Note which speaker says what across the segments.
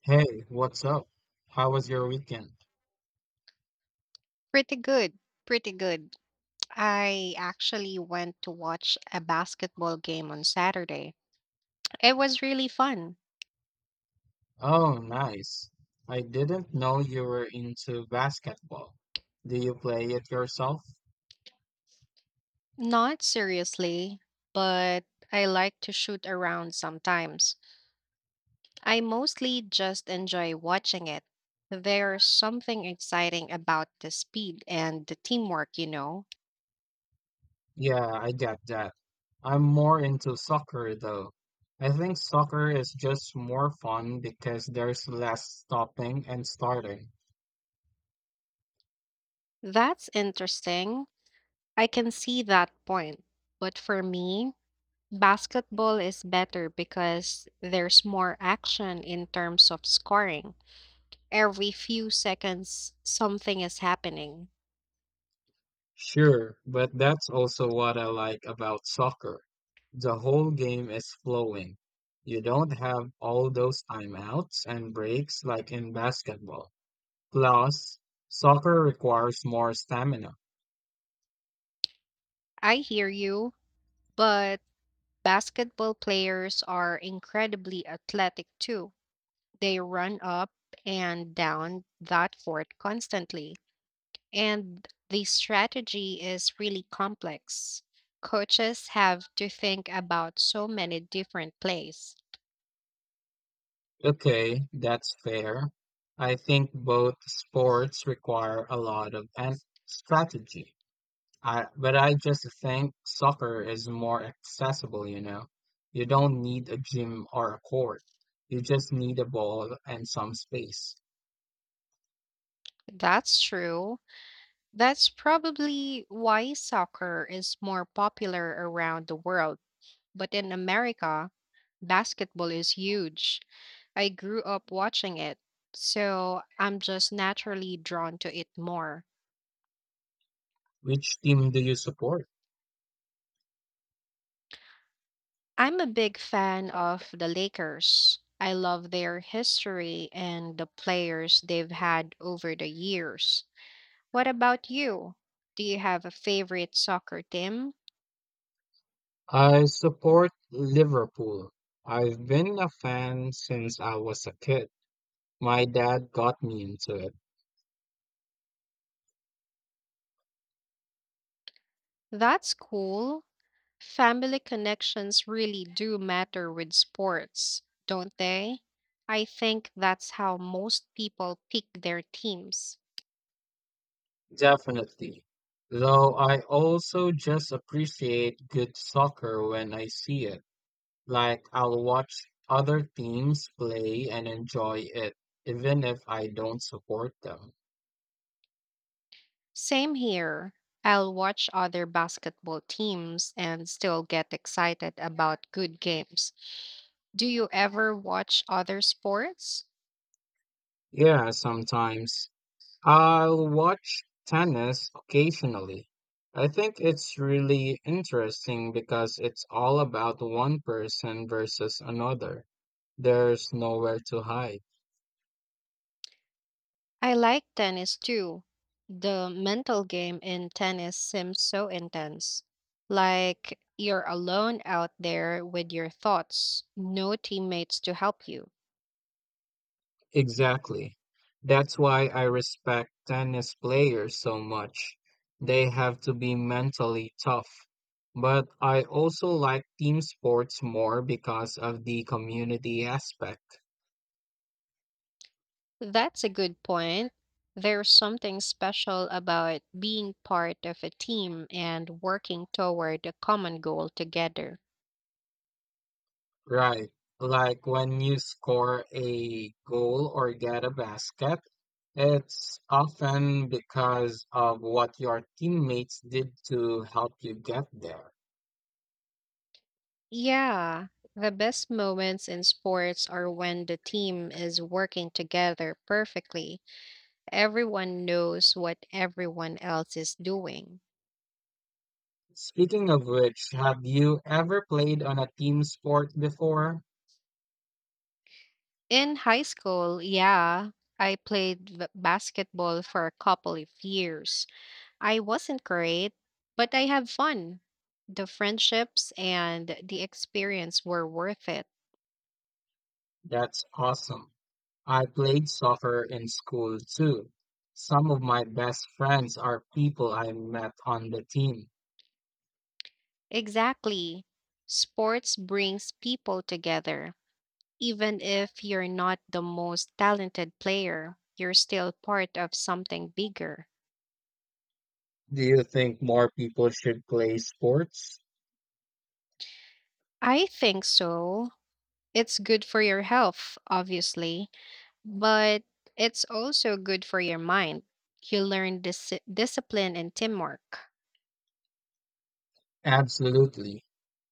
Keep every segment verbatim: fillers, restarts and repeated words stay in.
Speaker 1: Hey, what's up? How was your weekend?
Speaker 2: Pretty good. Pretty good. I actually went to watch a basketball game on Saturday. It was really fun.
Speaker 1: Oh, nice. I didn't know you were into basketball. Do you play it yourself?
Speaker 2: Not seriously, but I like to shoot around sometimes. I mostly just enjoy watching it. There's something exciting about the speed and the teamwork, you know.
Speaker 1: Yeah, I get that. I'm more into soccer though. I think soccer is just more fun because there's less stopping and starting.
Speaker 2: That's interesting. I can see that point. But for me, Basketball is better because there's more action in terms of scoring. Every few seconds, something is happening.
Speaker 1: Sure, but that's also what I like about soccer. The whole game is flowing. You don't have all those timeouts and breaks like in basketball. Plus, soccer requires more stamina.
Speaker 2: I hear you, but basketball players are incredibly athletic too. They run up and down that court constantly, and the strategy is really complex. Coaches have to think about so many different plays.
Speaker 1: Okay, that's fair. I think both sports require a lot of and strategy. I, but I just think soccer is more accessible, you know. You don't need a gym or a court. You just need a ball and some space.
Speaker 2: That's true. That's probably why soccer is more popular around the world. But in America, basketball is huge. I grew up watching it, so I'm just naturally drawn to it more.
Speaker 1: Which team do you support?
Speaker 2: I'm a big fan of the Lakers. I love their history and the players they've had over the years. What about you? Do you have a favorite soccer team?
Speaker 1: I support Liverpool. I've been a fan since I was a kid. My dad got me into it.
Speaker 2: That's cool. Family connections really do matter with sports, don't they? I think that's how most people pick their teams.
Speaker 1: Definitely. Though I also just appreciate good soccer when I see it. Like I'll watch other teams play and enjoy it, even if I don't support them.
Speaker 2: Same here. I'll watch other basketball teams and still get excited about good games. Do you ever watch other sports?
Speaker 1: Yeah, sometimes. I'll watch tennis occasionally. I think it's really interesting because it's all about one person versus another. There's nowhere to hide.
Speaker 2: I like tennis too. The mental game in tennis seems so intense. Like you're alone out there with your thoughts, no teammates to help you.
Speaker 1: Exactly. That's why I respect tennis players so much. They have to be mentally tough. But I also like team sports more because of the community aspect.
Speaker 2: That's a good point. There's something special about being part of a team and working toward a common goal together.
Speaker 1: Right. Like when you score a goal or get a basket, it's often because of what your teammates did to help you get there.
Speaker 2: Yeah, the best moments in sports are when the team is working together perfectly, everyone knows what everyone else is doing.
Speaker 1: Speaking of which, have you ever played on a team sport before?
Speaker 2: In high school, yeah, I played v- basketball for a couple of years. I wasn't great, but I had fun. The friendships and the experience were worth it.
Speaker 1: That's awesome. I played soccer in school too. Some of my best friends are people I met on the team.
Speaker 2: Exactly. Sports brings people together. Even if you're not the most talented player, you're still part of something bigger.
Speaker 1: Do you think more people should play sports?
Speaker 2: I think so. It's good for your health, obviously, but it's also good for your mind. You learn dis- discipline and teamwork.
Speaker 1: Absolutely.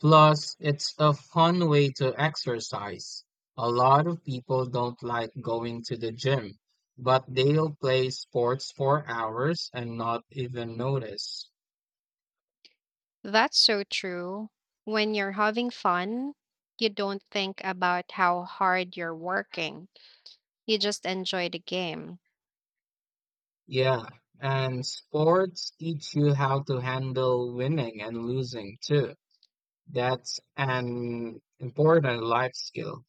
Speaker 1: Plus, it's a fun way to exercise. A lot of people don't like going to the gym, but they'll play sports for hours and not even notice.
Speaker 2: That's so true. When you're having fun, you don't think about how hard you're working, you just enjoy the game.
Speaker 1: Yeah, and sports teach you how to handle winning and losing too. That's an important life skill.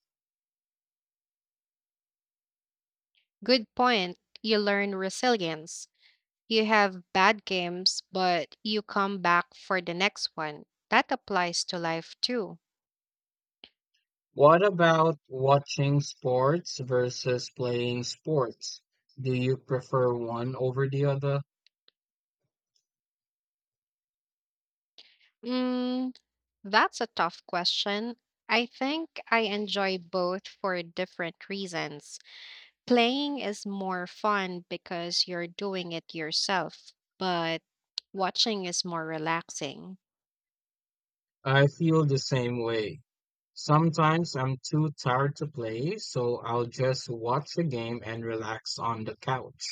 Speaker 2: Good point. You learn resilience. You have bad games, but you come back for the next one. That applies to life too.
Speaker 1: What about watching sports versus playing sports? Do you prefer one over the other?
Speaker 2: Mm, That's a tough question. I think I enjoy both for different reasons. Playing is more fun because you're doing it yourself, but watching is more relaxing.
Speaker 1: I feel the same way. Sometimes I'm too tired to play, so I'll just watch a game and relax on the couch.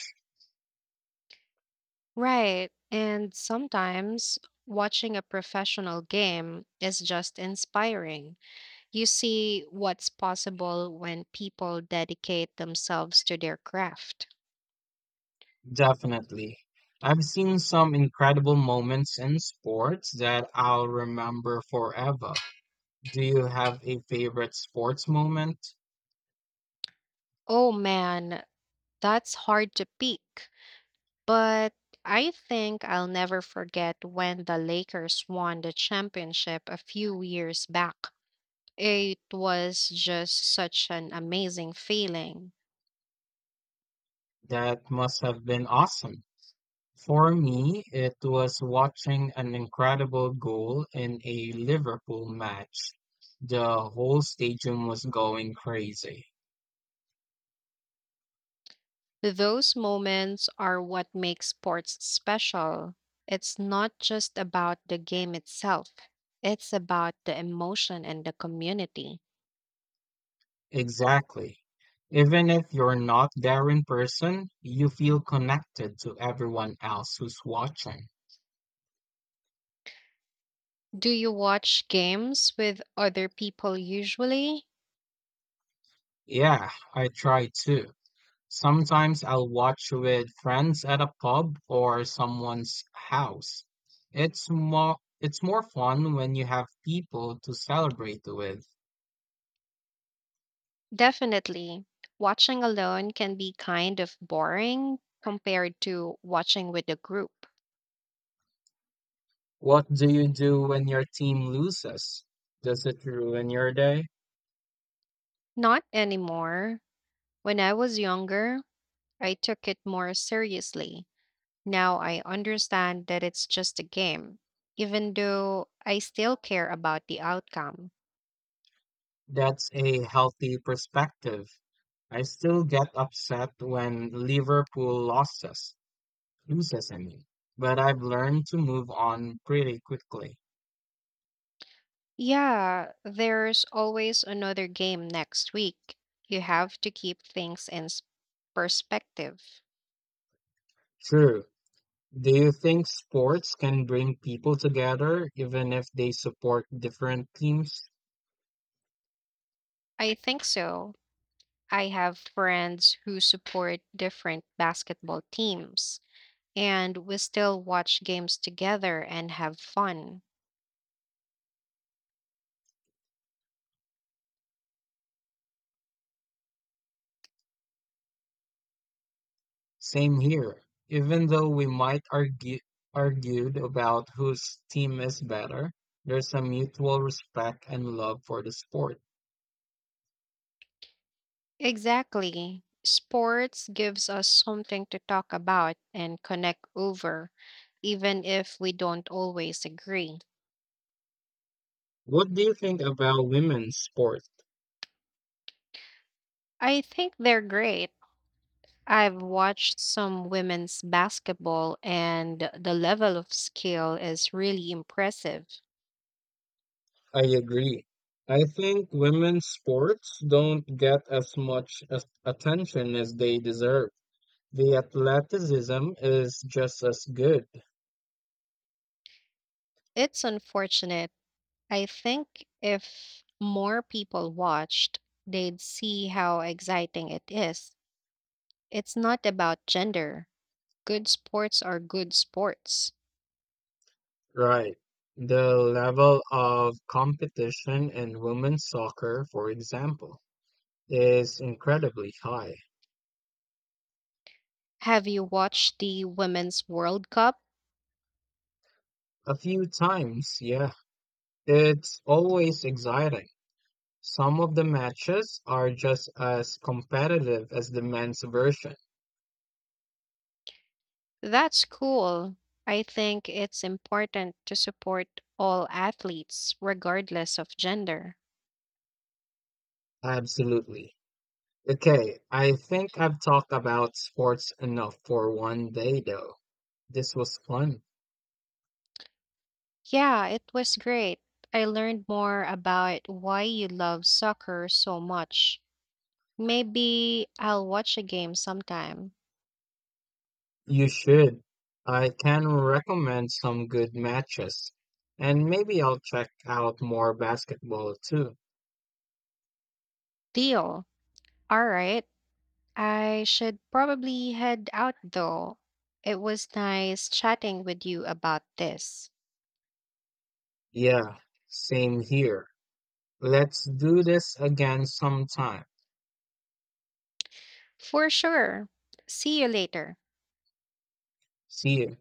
Speaker 2: Right. And sometimes watching a professional game is just inspiring. You see what's possible when people dedicate themselves to their craft.
Speaker 1: Definitely. I've seen some incredible moments in sports that I'll remember forever. Do you have a favorite sports moment?
Speaker 2: Oh man, that's hard to peak. But I think I'll never forget when the Lakers won the championship a few years back. It was just such an amazing feeling.
Speaker 1: That must have been awesome. For me, it was watching an incredible goal in a Liverpool match. The whole stadium was going crazy.
Speaker 2: Those moments are what makes sports special. It's not just about the game itself, it's about the emotion and the community.
Speaker 1: Exactly. Even if you're not there in person, you feel connected to everyone else who's watching.
Speaker 2: Do you watch games with other people usually?
Speaker 1: Yeah, I try too. Sometimes I'll watch with friends at a pub or someone's house. It's more it's more fun when you have people to celebrate with.
Speaker 2: Definitely. Watching alone can be kind of boring compared to watching with a group.
Speaker 1: What do you do when your team loses? Does it ruin your day?
Speaker 2: Not anymore. When I was younger, I took it more seriously. Now I understand that it's just a game, even though I still care about the outcome.
Speaker 1: That's a healthy perspective. I still get upset when Liverpool loses, loses I mean, but I've learned to move on pretty quickly.
Speaker 2: Yeah, there's always another game next week. You have to keep things in s- perspective.
Speaker 1: True. Do you think sports can bring people together even if they support different teams?
Speaker 2: I think so. I have friends who support different basketball teams, and we still watch games together and have fun.
Speaker 1: Same here. Even though we might argue argued about whose team is better, there's a mutual respect and love for the sport.
Speaker 2: Exactly. Sports gives us something to talk about and connect over, even if we don't always agree.
Speaker 1: What do you think about women's sport?
Speaker 2: I think they're great. I've watched some women's basketball, and the level of skill is really impressive.
Speaker 1: I agree. I think women's sports don't get as much as attention as they deserve. The athleticism is just as good.
Speaker 2: It's unfortunate. I think if more people watched, they'd see how exciting it is. It's not about gender. Good sports are good sports.
Speaker 1: Right. The level of competition in women's soccer, for example, is incredibly high.
Speaker 2: Have you watched the Women's World Cup?
Speaker 1: A few times, yeah. It's always exciting. Some of the matches are just as competitive as the men's version.
Speaker 2: That's cool. I think it's important to support all athletes, regardless of gender.
Speaker 1: Absolutely. Okay, I think I've talked about sports enough for one day, though. This was fun.
Speaker 2: Yeah, it was great. I learned more about why you love soccer so much. Maybe I'll watch a game sometime.
Speaker 1: You should. I can recommend some good matches. And maybe I'll check out more basketball too.
Speaker 2: Deal. All right. I should probably head out though. It was nice chatting with you about this.
Speaker 1: Yeah, same here. Let's do this again sometime.
Speaker 2: For sure. See you later.
Speaker 1: See you.